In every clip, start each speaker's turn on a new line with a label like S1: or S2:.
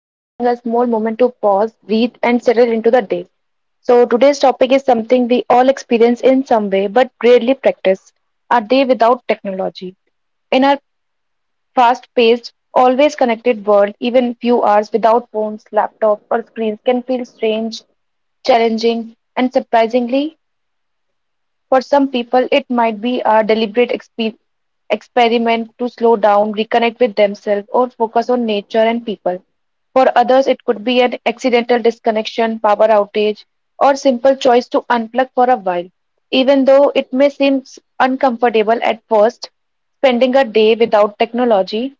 S1: And taking a small moment to pause, breathe, and settle into the day. So, today's topic is something we all experience in some way but rarely practice a day without technology. In our fast paced, always connected world, even few hours without phones, laptops, or screens can feel strange, challenging, and surprisingly for some people, it might be a deliberate experiment to slow down, reconnect with themselves, or focus on nature and people. For others, it could be an accidental disconnection, power outage, or simple choice to unplug for a while. Even though it may seem uncomfortable at first, spending a day without technology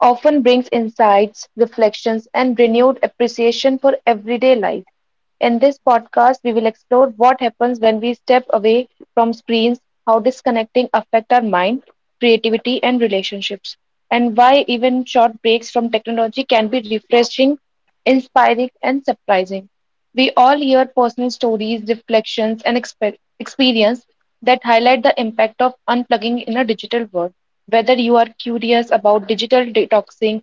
S1: often brings insights, reflections, and renewed appreciation for everyday life. In this podcast, we will explore what happens when we step away from screens, how disconnecting affect our mind, creativity, and relationships, and why even short breaks from technology can be refreshing, inspiring, and surprising. We all hear personal stories, reflections, and experience that highlight the impact of unplugging in a digital world. Whether you are curious about digital detoxing,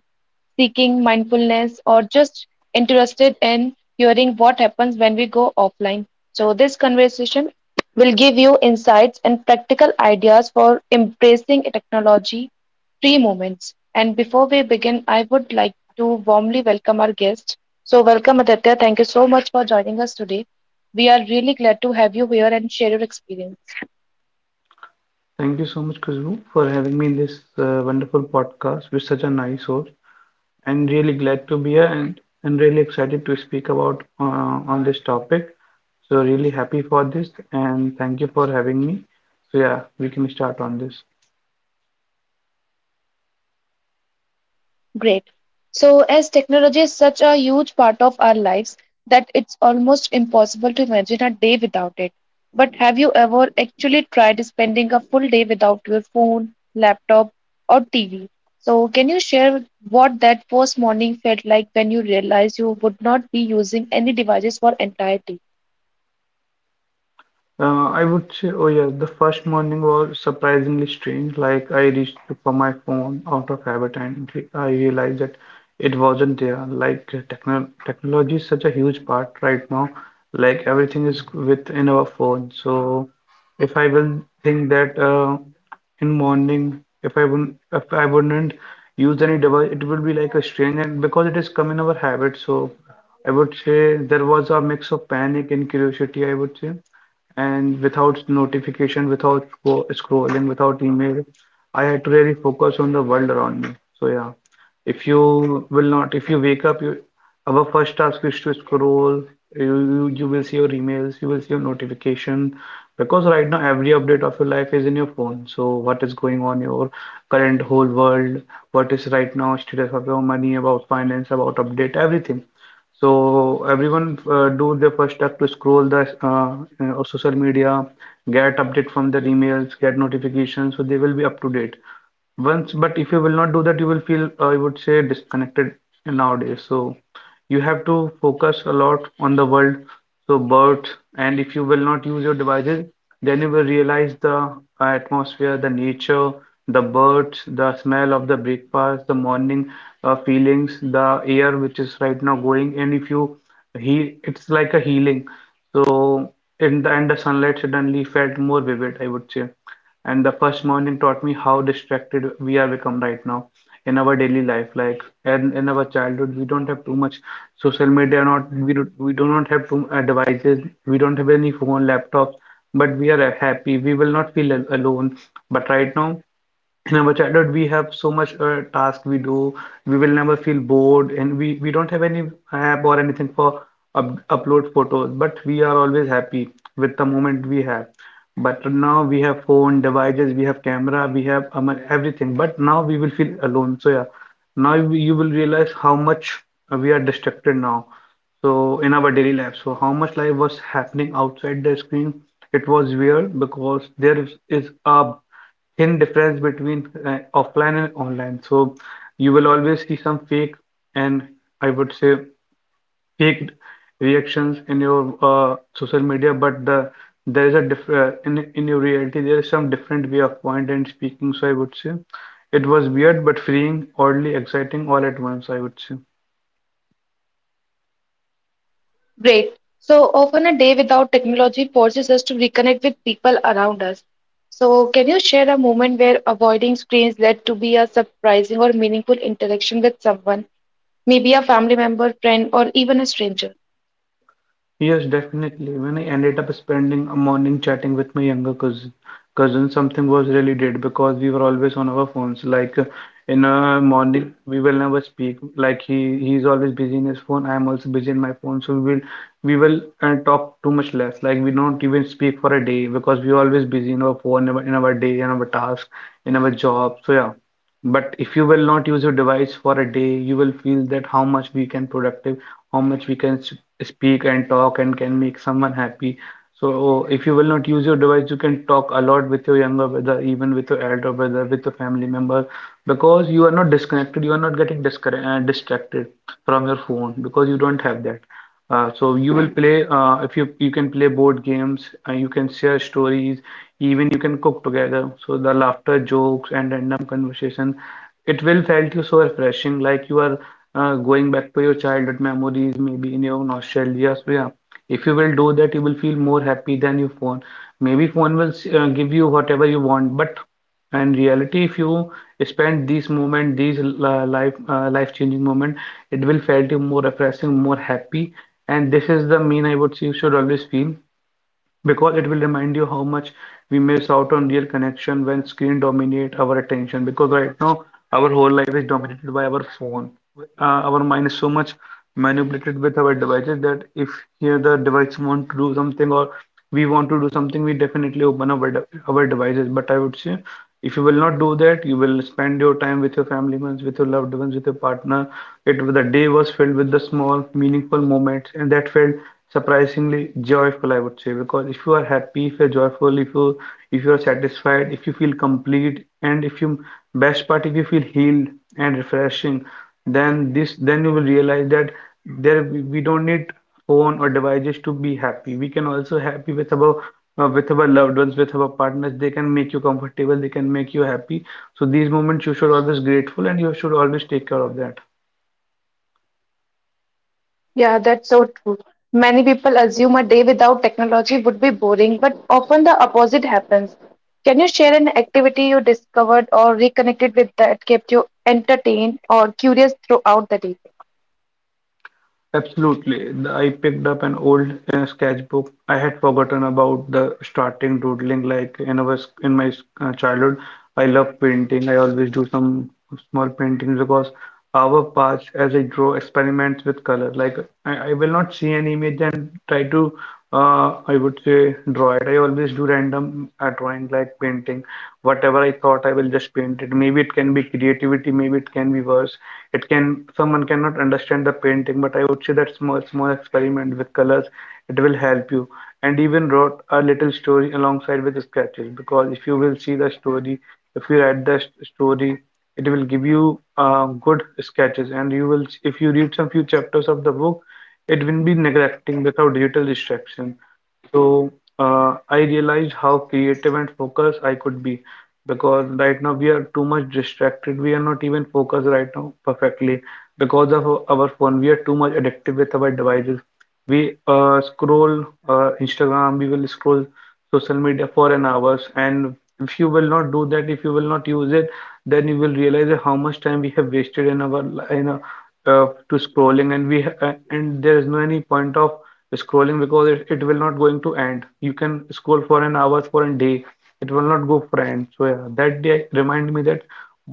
S1: seeking mindfulness, or just interested in hearing what happens when we go offline. So, this conversation will give you insights and practical ideas for embracing technology free moments. And before we begin, I would like to warmly welcome our guest. So, welcome Aditya. Thank you so much for joining us today. We are really glad to have you here and share your experience.
S2: Thank you so much, Khushbu, for having me in this wonderful podcast with such a nice host. I'm really glad to be here and really excited to speak about on this topic. So really happy for this and thank you for having me. So yeah, we can start on this.
S1: Great. So, as technology is such a huge part of our lives that it's almost impossible to imagine a day without it. But have you ever actually tried spending a full day without your phone, laptop, or TV? So, can you share what that first morning felt like when you realized you would not be using any devices for entire.
S2: I would say, oh yeah, the first morning was surprisingly strange. Like I reached for my phone out of habit, and I realized that it wasn't there. Like technology is such a huge part right now. Like everything is within our phone. So if I will think that in morning if I wouldn't use any device it will be like a strange, and because it is come in our habit, so I would say there was a mix of panic and curiosity, I would say. And without notification, without scrolling, without email, I had to really focus on the world around me. So yeah, if you will not, if you wake up, you, our first task is to scroll. You will see your emails, you will see your notification, because right now every update of your life is in your phone. So what is going on in your current whole world, what is right now status of your money, about finance, about update, everything. So everyone do their first step to scroll the social media, get update from their emails, get notifications, so they will be up to date. Once, but if you will not do that, you will feel, I would say, disconnected nowadays. So you have to focus a lot on the world. So birds, and if you will not use your devices, then you will realize the atmosphere, the nature, the birds, the smell of the breakfast, the morning feelings, the air which is right now going. And if you heal, it's like a healing. So in the, and the sunlight suddenly felt more vivid, I would say. And the first morning taught me how distracted we are become right now in our daily life. Like and in our childhood, we don't have too much social media, not we do, we do not have too devices. We don't have any phone, laptops, but we are happy. We will not feel al alone. But right now, in our childhood, we have so much task we do. We will never feel bored, and we don't have any app or anything for up upload photos. But we are always happy with the moment we have. But now we have phone, devices, we have camera, we have everything. But now we will feel alone. So yeah, now you will realize how much we are distracted now. So in our daily life, so how much life was happening outside the screen? It was weird because there is a thin difference between offline and online. So you will always see some fake and, I would say, fake reactions in your social media, but the there is a diff in your reality there is some different way of point and speaking. So I would say it was weird but freeing, oddly exciting all at once, I would say.
S1: Great. So often a day without technology forces us to reconnect with people around us. So can you share a moment where avoiding screens led to be a surprising or meaningful interaction with someone, maybe a family member, friend, or even a stranger?
S2: Yes, definitely. When I ended up spending a morning chatting with my younger cousin, something was really dead because we were always on our phones. Like in a morning, we will never speak. Like he's always busy in his phone. I am also busy in my phone. So we will talk too much less. Like we don't even speak for a day because we are always busy in our phone, in our day, in our task, in our job. So yeah. But if you will not use your device for a day, you will feel that how much we can productive, how much we can speak and talk and can make someone happy. So if you will not use your device, you can talk a lot with your younger brother, even with your elder brother, with your family member, because you are not disconnected, you are not getting distracted from your phone because you don't have that. So you will play if you can play board games, you can share stories, even you can cook together. So the laughter, jokes and random conversation, it will felt you so refreshing, like you are going back to your childhood memories, maybe in your nostalgia. So yeah, if you will do that you will feel more happy than your phone. Maybe phone will give you whatever you want, but in reality if you spend these moment, these life changing moment, it will felt you more refreshing, more happy. And this is the mean, I would say, you should always feel, because it will remind you how much we miss out on real connection when screen dominate our attention. Because right now our whole life is dominated by our phone. Our mind is so much manipulated with our devices that if here the device want to do something, or we want to do something, we definitely open our devices. But I would say if you will not do that, you will spend your time with your family members, with your loved ones, with your partner. It the day was filled with the small, meaningful moments, and that felt surprisingly joyful, I would say, because if you are happy, if you're joyful, if you are satisfied, if you feel complete, and if you best part if you feel healed and refreshing, then this then you will realize that there we don't need phone or devices to be happy. We can also happy with our loved ones, with our partners. They can make you comfortable, they can make you happy. So these moments you should always grateful and you should always take care of that.
S1: Yeah, that's so true. Many people assume a day without technology would be boring, but often the opposite happens. Can you share an activity you discovered or reconnected with that kept you entertained or curious throughout the day?
S2: Absolutely. I picked up an old sketchbook. I had forgotten about the starting doodling like in our s- in my s- childhood. I love painting. I always do some small paintings because our paths as I draw experiments with color. Like I will not see an image and try to I would say draw it. I always do random drawing like painting. Whatever I thought I will just paint it. Maybe it can be creativity, maybe it can be verse, it can someone cannot understand the painting, but I would say that small small experiment with colors it will help you. And even wrote a little story alongside with sketches, because if you will see the story, if you write the story, it will give you good sketches. And you will if you read some few chapters of the book, it will be neglecting without little distraction. So I realized how creative and focused I could be, because right now we are too much distracted. We are not even focused right now perfectly because of our phone. We are too much addictive with our devices. We scroll Instagram, we will scroll social media for an hours. And if you will not do that, if you will not use it, then you will realize that how much time we have wasted in in our, to scrolling, and and there is no any point of scrolling because it will not going to end. You can scroll for an hour for a day, it will not go for end. So yeah, that day remind me that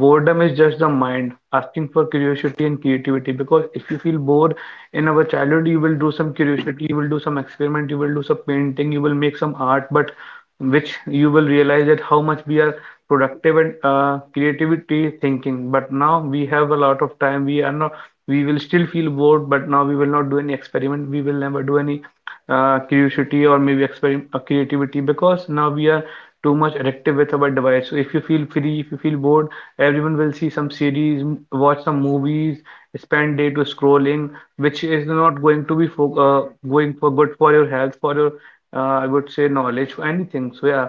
S2: boredom is just the mind asking for curiosity and creativity, because if you feel bored in our childhood you will do some curiosity, you will do some experiment, you will do some painting, you will make some art. But which you will realize that how much we are productive and creativity thinking. But now we have a lot of time, we are not, we will still feel bored, but now we will not do any experiment, we will never do any curiosity or maybe experiment, creativity, because now we are too much addictive with our device. So if you feel free, if you feel bored, everyone will see some series, watch some movies, spend day to scrolling, which is not going to be for going for good for your health, for your I would say knowledge, for anything. So yeah,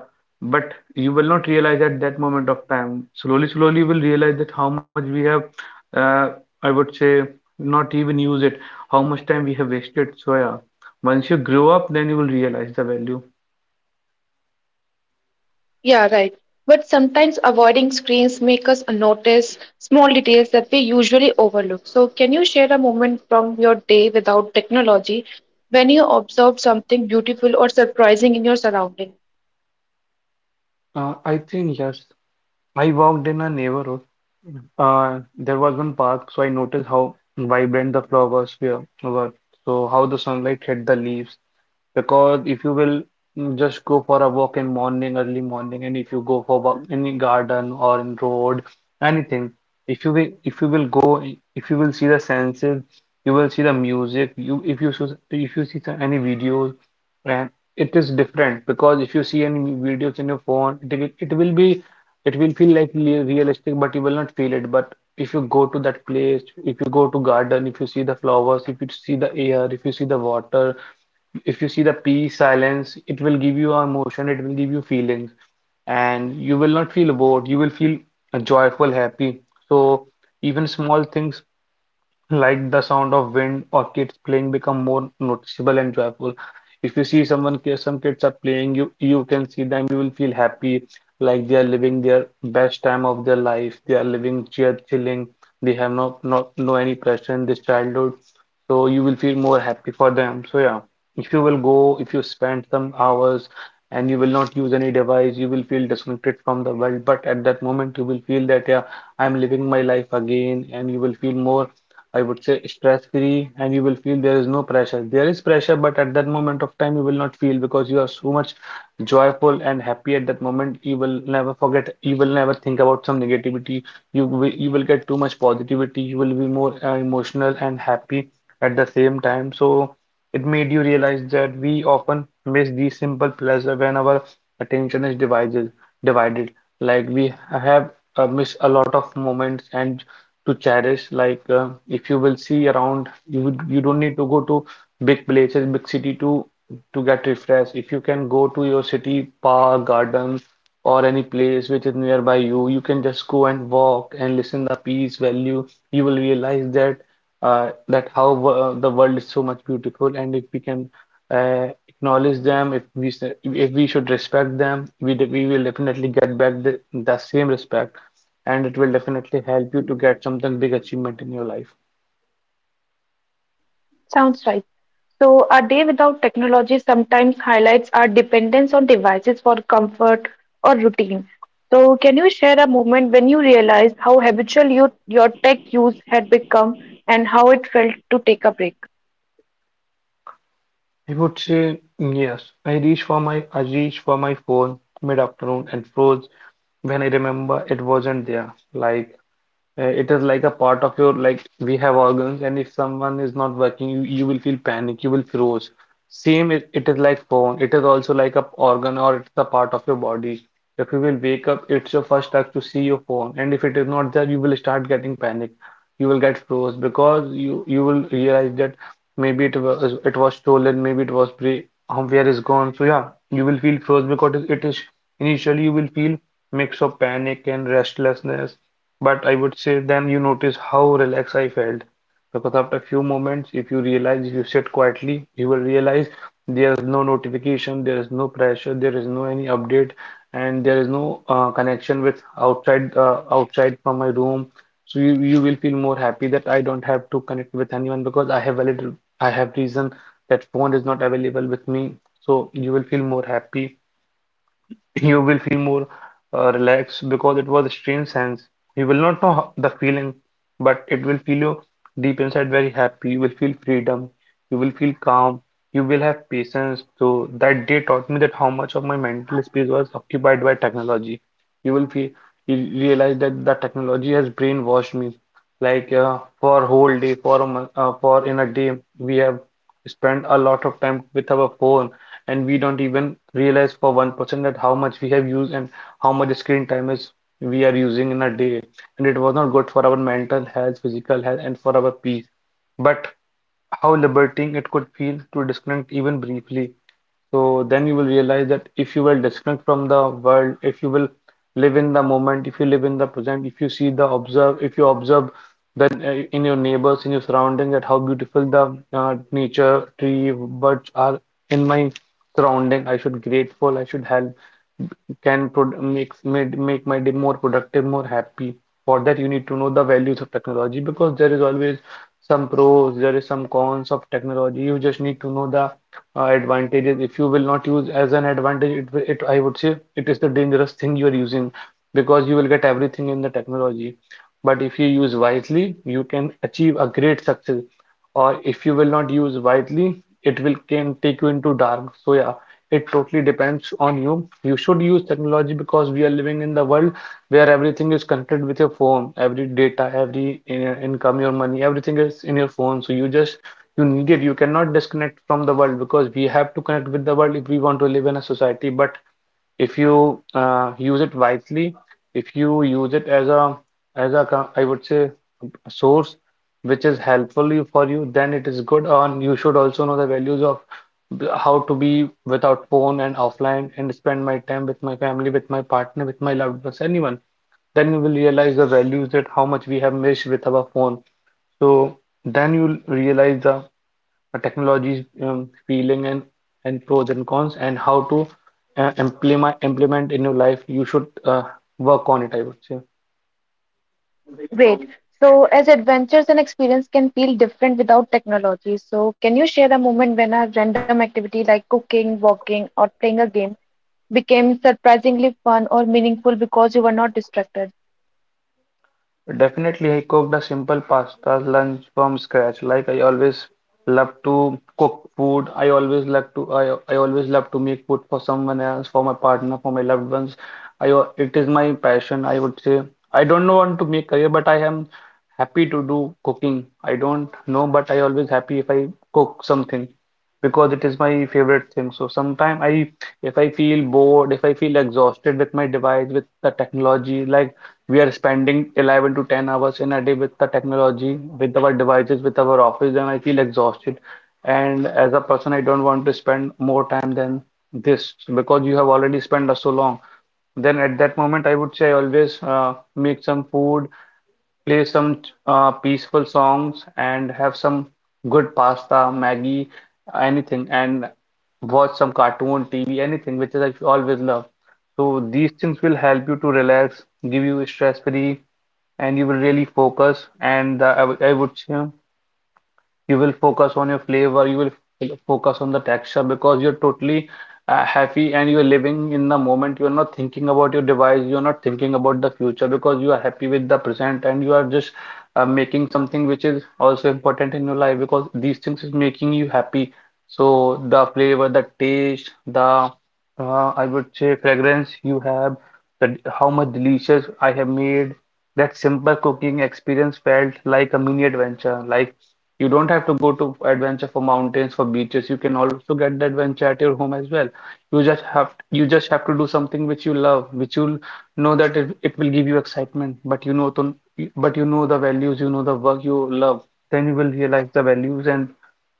S2: but you will not realize at that moment of time. Slowly slowly you will realize that how much we have uh, I would say not even use it. How much time we have wasted. So yeah, once you grow up, then you will realize the value.
S1: Yeah, right. But sometimes avoiding screens make us notice small details that we usually overlook. So, can you share a moment from your day without technology when you observed something beautiful or surprising in your surrounding?
S2: I think yes. I walked in a neighborhood. There was one park, so I noticed how vibrant the flowers were. So how the sunlight hit the leaves, because if you will mm, just go for a walk in morning, early morning, and if you go for walk in the garden or in road, anything, if you will go, if you will see the senses, you will see the music. You If you if you see any videos, and it is different because if you see any videos in your phone, it will be it will feel like realistic, but you will not feel it. But if you go to that place, if you go to garden, if you see the flowers, if you see the air, if you see the water, if you see the peace, silence, it will give you emotion, it will give you feelings, and you will not feel bored, you will feel joyful, happy. So even small things like the sound of wind or kids playing become more noticeable and joyful. If you see someone, some kids are playing, you can see them, you will feel happy, like they are living their best time of their life. They are living chilling. They have no any pressure in this childhood, so you will feel more happy for them. So yeah, if you spend some hours and you will not use any device, you will feel disconnected from the world. But at that moment, you will feel that yeah, I'm living my life again, and you will feel more, I would say, stress free, and you will feel there is no pressure. There is pressure, but at that moment of time you will not feel because you are so much joyful and happy at that moment. You will never forget, you will never think about some negativity. You will get too much positivity. You will be more emotional and happy at the same time. So it made you realize that we often miss these simple pleasure when our attention is divided. Like we have missed a lot of moments and to cherish, like if you will see around, you would, you don't need to go to big places, big city, to get refreshed. If you can go to your city park, garden, or any place which is nearby you, you can just go and walk and listen the peace value. You will realize that how the world is so much beautiful. And if we can acknowledge them, if we if we should respect them, we we will definitely get back the same respect, and it will definitely help you to get something big achievement in your life.
S1: Sounds right. So, our day without technology sometimes highlights our dependence on devices for comfort or routine. So, can you share a moment when you realized how habitual you, your tech use had become and how it felt to take a break?
S2: I would say yes. I reached for my phone mid-afternoon and froze when I remember it wasn't there. Like, it is like a part of your, like we have organs, and if someone is not working, you will feel panic, you will froze. Same, it is like phone, it is also like a organ, or it's a part of your body. If you will wake up, it's your first act to see your phone, and if it is not there, you will start getting panic, you will get froze. Because you will realize that maybe it was stolen, maybe it was pre where is gone. So yeah, you will feel first because it is initially, you will feel mix of panic and restlessness. But I would say then you notice how relaxed I felt. Because after a few moments, if you realize, if you sit quietly, you will realize there is no notification, there is no pressure, there is no any update, and there is no connection with outside, outside from my room. So you will feel more happy that I don't have to connect with anyone because I have reason that phone is not available with me. So you will feel more happy. You will feel more relaxed, because it was a strange sense. You will not know how, the feeling, but it will feel you deep inside very happy. You will feel freedom. You will feel calm. You will have patience. So that day taught me that how much of my mental space was occupied by technology. You will feel, you realize that the technology has brainwashed me. Like for whole day, for a month, for in a day, we have spent a lot of time with our phone, and we don't even realize for 1% that how much we have used and how much screen time is we are using in a day. And it was not good for our mental health, physical health, and for our peace. But how liberating it could feel to disconnect even briefly. So then you will realize that if you will disconnect from the world, if you will live in the moment, if you live in the present, if you see the observe, if you observe, then in your neighbors, in your surrounding, that how beautiful the nature, tree, birds are in my surrounding. I should grateful, I should help, can make my day more productive, more happy. For that, you need to know the values of technology, because there is always some pros, there is some cons of technology. You just need to know the advantages. If you will not use as an advantage, it, will- it I would say it is the dangerous thing you are using, because you will get everything in the technology. But if you use wisely, you can achieve a great success. Or if you will not use wisely, it will can take you into dark. So yeah. It totally depends on you. You should use technology because we are living in the world where everything is connected with your phone. Every data, income, your money, everything is in your phone. So you need it. You cannot disconnect from the world because we have to connect with the world if we want to live in a society. But if you use it wisely, if you use it as a I would say source which is helpful for you, then it is good. And you should also know the values of how to be without phone and offline, and spend my time with my family, with my partner, with my loved ones, anyone. Then you will realize the values that how much we have missed with our phone. So then you'll realize the technology's feeling, and pros and cons, and how to implement in your life. You should work on it, I would say.
S1: Great. So, as adventures and experience can feel different without technology, so can you share a moment when a random activity like cooking, walking, or playing a game became surprisingly fun or meaningful because you were not distracted?
S2: Definitely, I cooked a simple pasta lunch from scratch. Like, I always love to cook food. I always love to make food for someone else, for my partner, for my loved ones. It is my passion, I would say. I don't know want to make career, but I am happy to do cooking. I don't know, but I always happy if I cook something, because it is my favorite thing. So sometimes I if I feel bored, if I feel exhausted with my device, with the technology, like we are spending 11 to 10 hours in a day with the technology, with our devices, with our office, and I feel exhausted. And as a person, I don't want to spend more time than this. So because you have already spent so long. Then at that moment, I would say, always make some food, play some peaceful songs, and have some good pasta, Maggie, anything, and watch some cartoon, TV, anything, which is I always love. So these things will help you to relax, give you stress free, and you will really focus. And I would say you will focus on your flavor, you will focus on the texture, because you're totally happy and you're living in the moment, you're not thinking about your device, you're not thinking about the future, because you are happy with the present and you are just making something which is also important in your life, because these things is making you happy. So the flavor, the taste, the I would say fragrance you have, how much delicious I have made, that simple cooking experience felt like a mini adventure. Like, you don't have to go to adventure for mountains, for beaches. You can also get the adventure at your home as well. You just have to do something which you love, which you'll know that it will give you excitement, but you know the values, you know the work you love. Then you will realize the values, and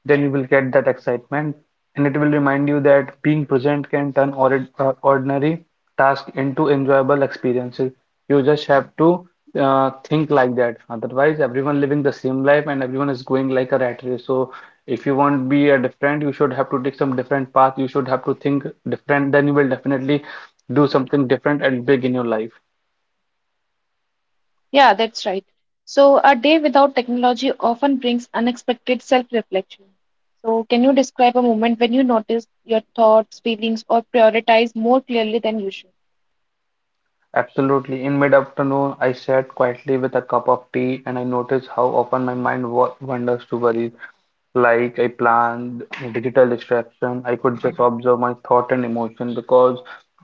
S2: then you will get that excitement, and it will remind you that being present can turn ordinary tasks into enjoyable experiences. You just have to think like that. Otherwise, everyone living the same life and everyone is going like a rat race. So if you want to be a different, you should have to take some different path. You should have to think different. Then you will definitely do something different and big in your life.
S1: Yeah, that's right. So, a day without technology often brings unexpected self-reflection. So, can you describe a moment when you noticed your thoughts, feelings, or prioritize more clearly than usual?
S2: Absolutely. In mid-afternoon, I sat quietly with a cup of tea, and I noticed how often my mind wa wanders to worries. Like I planned digital distraction, I could just observe my thought and emotion, because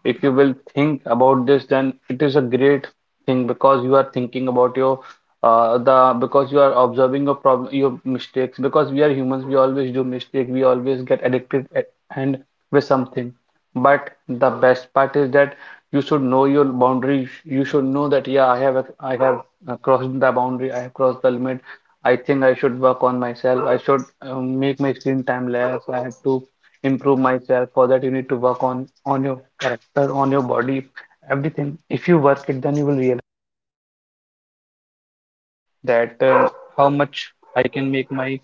S2: if you will think about this, then it is a great thing, because you are thinking about your the because you are observing your problem, your mistakes, because we are humans, we always do mistake, we always get addicted and with something. But the best part is that you should know your boundaries, you should know that, yeah, I have crossed the boundary, I have crossed the limit. I think I should work on myself, I should make my screen time less. I have to improve myself. For that you need to work on your character, on your body, everything. If you work it, then you will realize that how much I can make my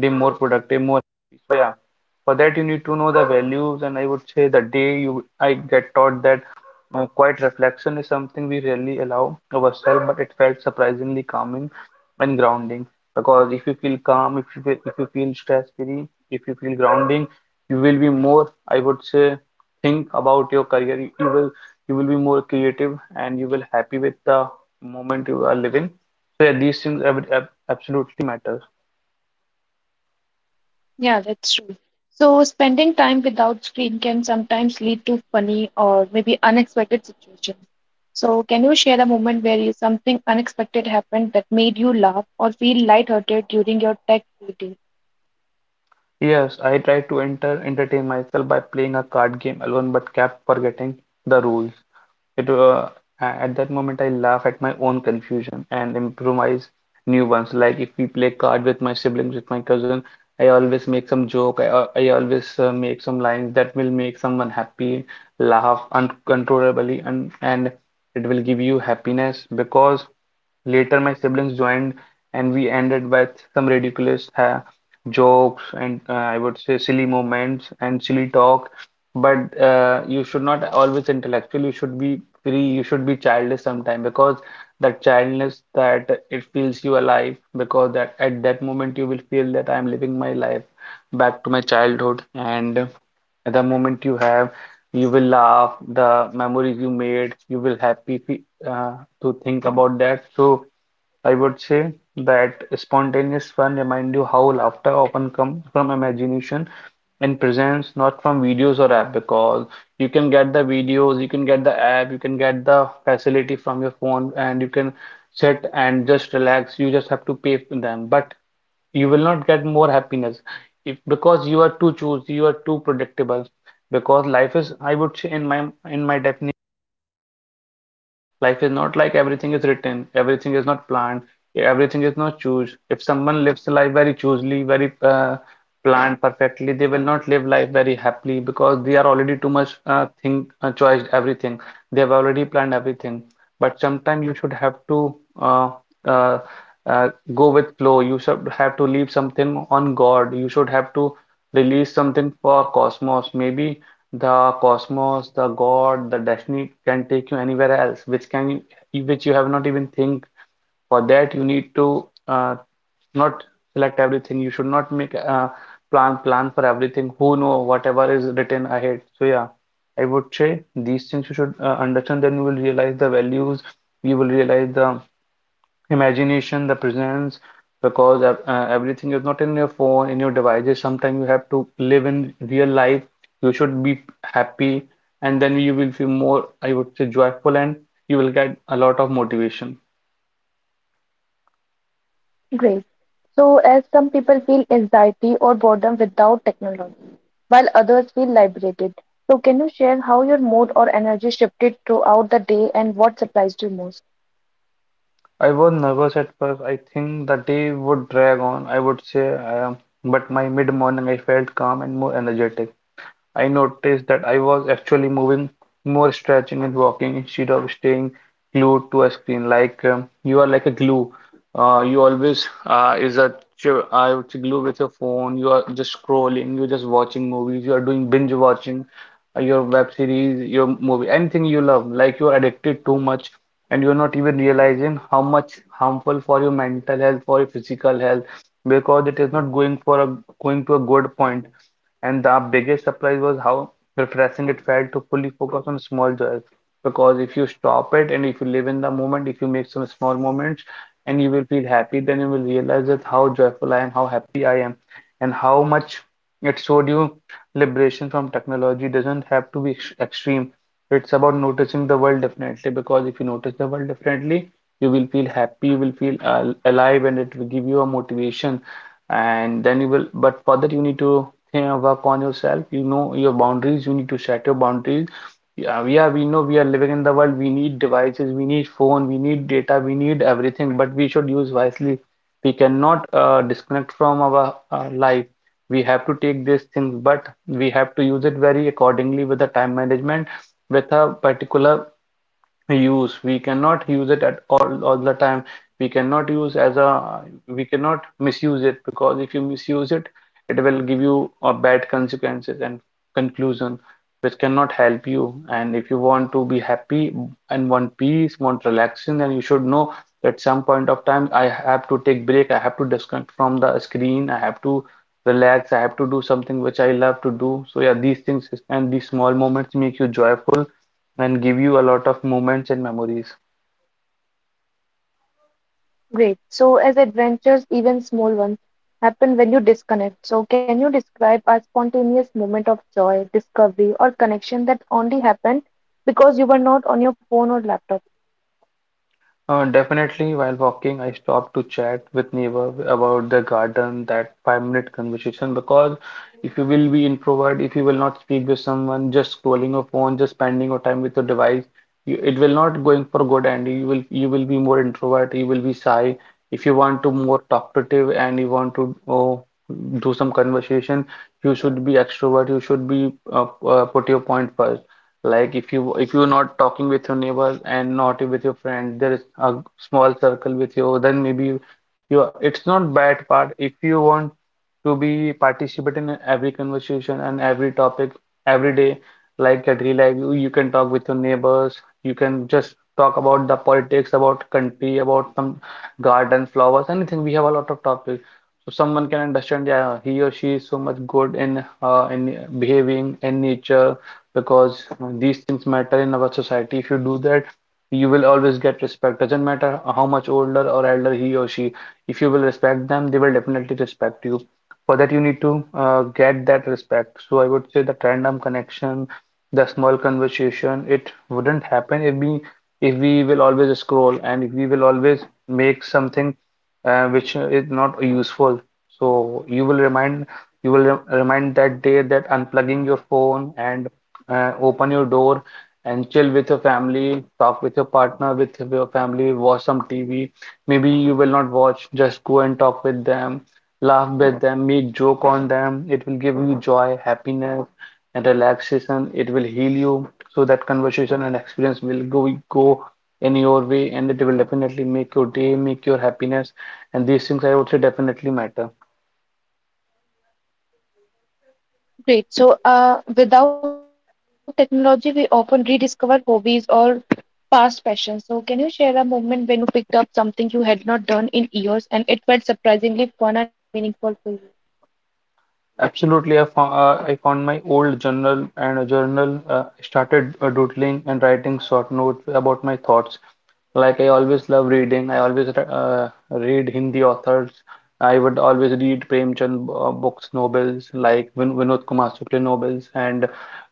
S2: day more productive, more happy. So yeah, for that you need to know the values, and I would say the day you I get taught that quiet reflection is something we rarely allow ourselves, but it felt surprisingly calming and grounding. Because if you feel calm, if you feel stress-free, if you feel grounding, you will be more, I would say, think about your career. You will you will be more creative, and you will happy with the moment you are living. So yeah, these things absolutely matter.
S1: Yeah, that's true. So, spending time without screen can sometimes lead to funny or maybe unexpected situations. So, can you share a moment where you, something unexpected happened that made you laugh or feel lighthearted during your tech free day?
S2: Yes, I tried to entertain myself by playing a card game alone, but kept forgetting the rules. It uh, at that moment I laugh at my own confusion and improvise new ones. Like if we play card with my siblings, with my cousin, I always make some joke. I always make some lines that will make someone happy, laugh uncontrollably, and it will give you happiness, because later my siblings joined and we ended with some ridiculous ha jokes and I would say silly moments and silly talk. But you should not always intellectual. You should be free. You should be childish sometime, because that childness that it feels you alive, because that at that moment you will feel that I'm living my life back to my childhood, and the moment you have you will laugh, the memories you made, you will happy to think about that. So I would say that spontaneous fun remind you how laughter often comes from imagination and presents, not from videos or app, because you can get the videos, you can get the app, you can get the facility from your phone, and you can sit and just relax. You just have to pay for them, but you will not get more happiness if because you are too choosy, you are too predictable, because life is, I would say, in my definition life is not like everything is written, everything is not planned, everything is not choose. If someone lives life very choosily, very planned perfectly, they will not live life very happily, because they are already too much think choice everything, they have already planned everything. But sometimes you should have to uh, uh, go with flow. You should have to leave something on God. You should have to release something for cosmos. Maybe the cosmos, the God, the destiny can take you anywhere else, which can which you have not even think. For that, you need to not select everything. You should not make a plan for everything. Who know whatever is written ahead. So yeah, I would say these things you should understand. Then you will realize the values. You will realize the imagination, the presence, because everything is not in your phone, in your devices. Sometimes you have to live in real life. You should be happy, and then you will feel more, I would say, joyful, and you will get a lot of motivation.
S1: Great. So, as some people feel anxiety or boredom without technology, while others feel liberated. So, can you share how your mood or energy shifted throughout the day and what surprised you most?
S2: I was nervous at first. I think the day would drag on. I would say, I but my mid-morning I felt calm and more energetic. I noticed that I was actually moving more, stretching and walking instead of staying glued to a screen. Like you are like a glue. You always is a I would say glue with your phone. You are just scrolling. You're just watching movies. You are doing binge watching your web series, your movie, anything you love. Like you are addicted too much, and you're not even realizing how much harmful for your mental health, for your physical health, because it is not going for a going to a good point. And the biggest surprise was how refreshing it felt to fully focus on small joys. Because if you stop it and if you live in the moment, if you make some small moments, and you will feel happy, then you will realize that how joyful I am, how happy I am, and how much it showed you liberation from technology doesn't have to be extreme. It's about noticing the world differently, because if you notice the world differently, you will feel happy, you will feel al alive, and it will give you a motivation. And then you will, but for that, you need to work on yourself, you know your boundaries, you need to set your boundaries. Yeah, we are. We know we are living in the world, we need devices, we need phone, we need data, we need everything, but we should use wisely. We cannot disconnect from our life. We have to take these things, but we have to use it very accordingly, with the time management, with a particular use. We cannot use it at all the time. We cannot use as a we cannot misuse it, because if you misuse it, it will give you a bad consequences and conclusion, which cannot help you. And if you want to be happy and want peace, want relaxation, then you should know that some point of time I have to take break, I have to disconnect from the screen, I have to relax, I have to do something which I love to do. So yeah, these things and these small moments make you joyful and give you a lot of moments and memories.
S1: Great. So, as adventures, even small ones, happen when you disconnect. So, can you describe a spontaneous moment of joy, discovery, or connection that only happened because you were not on your phone or laptop?
S2: Definitely, while walking, I stopped to chat with neighbor about the garden, that 5 minute conversation. Because if you will be introvert, if you will not speak with someone, just scrolling your phone, just spending your time with your device, you, it will not going for good, and you will be more introvert, you will be shy. If you want to more talkative and you want to oh, do some conversation, you should be extrovert. You should be put your point first. Like if you're not talking with your neighbors and not with your friend, there is a small circle with you, then maybe you, you are- it's not bad part. If you want to be participate in every conversation and every topic every day, like at real life, you can talk with your neighbors, you can just talk about the politics, about country, about some garden, flowers, anything. We have a lot of topics. So someone can understand, yeah, he or she is so much good in behaving in nature, because these things matter in our society. If you do that, you will always get respect. Doesn't matter how much older or elder he or she, if you will respect them, they will definitely respect you. For that, you need to get that respect. So I would say that random connection, the small conversation, it wouldn't happen if we will always scroll and if we will always make something which is not useful. So you will remind you will remind that day that unplugging your phone and open your door and chill with your family, talk with your partner, with your family, watch some TV. Maybe you will not watch, just go and talk with them, laugh with them, make joke on them. It will give you joy, happiness, and relaxation. It will heal you. So that conversation and experience will go in your way, and it will definitely make your day, make your happiness, and these things I would say definitely matter.
S1: Great. So, without technology, we often rediscover hobbies or past passions. So, can you share a moment when you picked up something you had not done in years and it felt surprisingly fun and meaningful for you?
S2: Absolutely, I found my old journal and a journal started doodling and writing short notes about my thoughts. Like I always love reading. I always read Hindi authors. I would always read Premchand books, novels like Vinod Kumar Sukle novels, and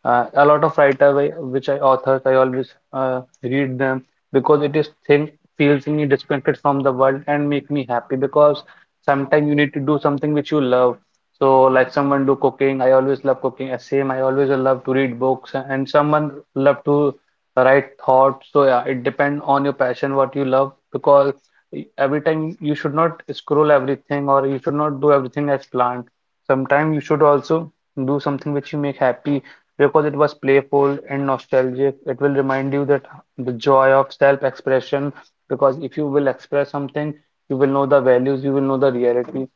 S2: a lot of writer I- which I authors I always read them, because it is thing feels me disconnected from the world and make me happy, because sometimes you need to do something which you love. So like someone do cooking, I always love cooking. Same, I always love to read books, and someone love to write thoughts. So yeah, it depends on your passion, what you love, because every time you should not scroll everything, or you should not do everything as planned. Sometimes you should also do something which you make happy, because it was playful and nostalgic. It will remind you that the joy of self-expression, because if you will express something, you will know the values, you will know the reality,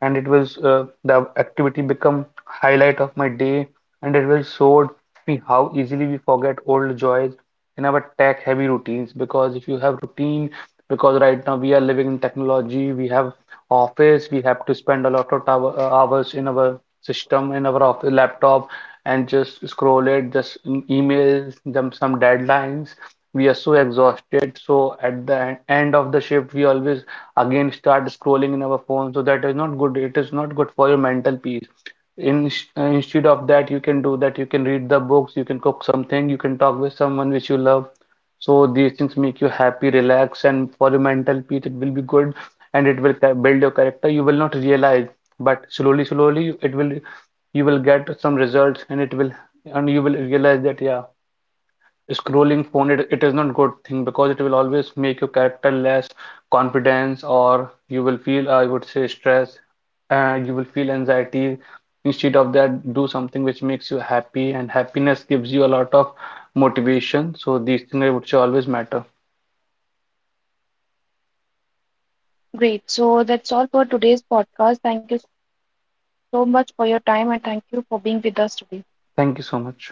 S2: and it was the activity become highlight of my day, and it will showed me how easily we forget old joys in our tech heavy routines, because if you have routine, because right now we are living in technology, we have office, we have to spend a lot of hours in our system, in our office laptop, and just scroll it, just emails them some deadlines, we are so exhausted. So at the end of the shift, we always again start scrolling in our phone. So that is not good, it is not good for your mental peace. in, Instead of that, you can do that, you can read the books, you can cook something, you can talk with someone which you love. So these things make you happy, relax, and for your mental peace it will be good, and it will build your character. You will not realize, but slowly slowly it will you will get some results, and it will and you will realize that, yeah, scrolling phone, it is not good thing, because it will always make your character less confidence, or you will feel, I would say, stress, and you will feel anxiety. Instead of that, do something which makes you happy, and happiness gives you a lot of motivation. So these things I would say always matter.
S1: Great. So, that's all for today's podcast. Thank you so much for your time and thank you for being with us today.
S2: Thank you so much.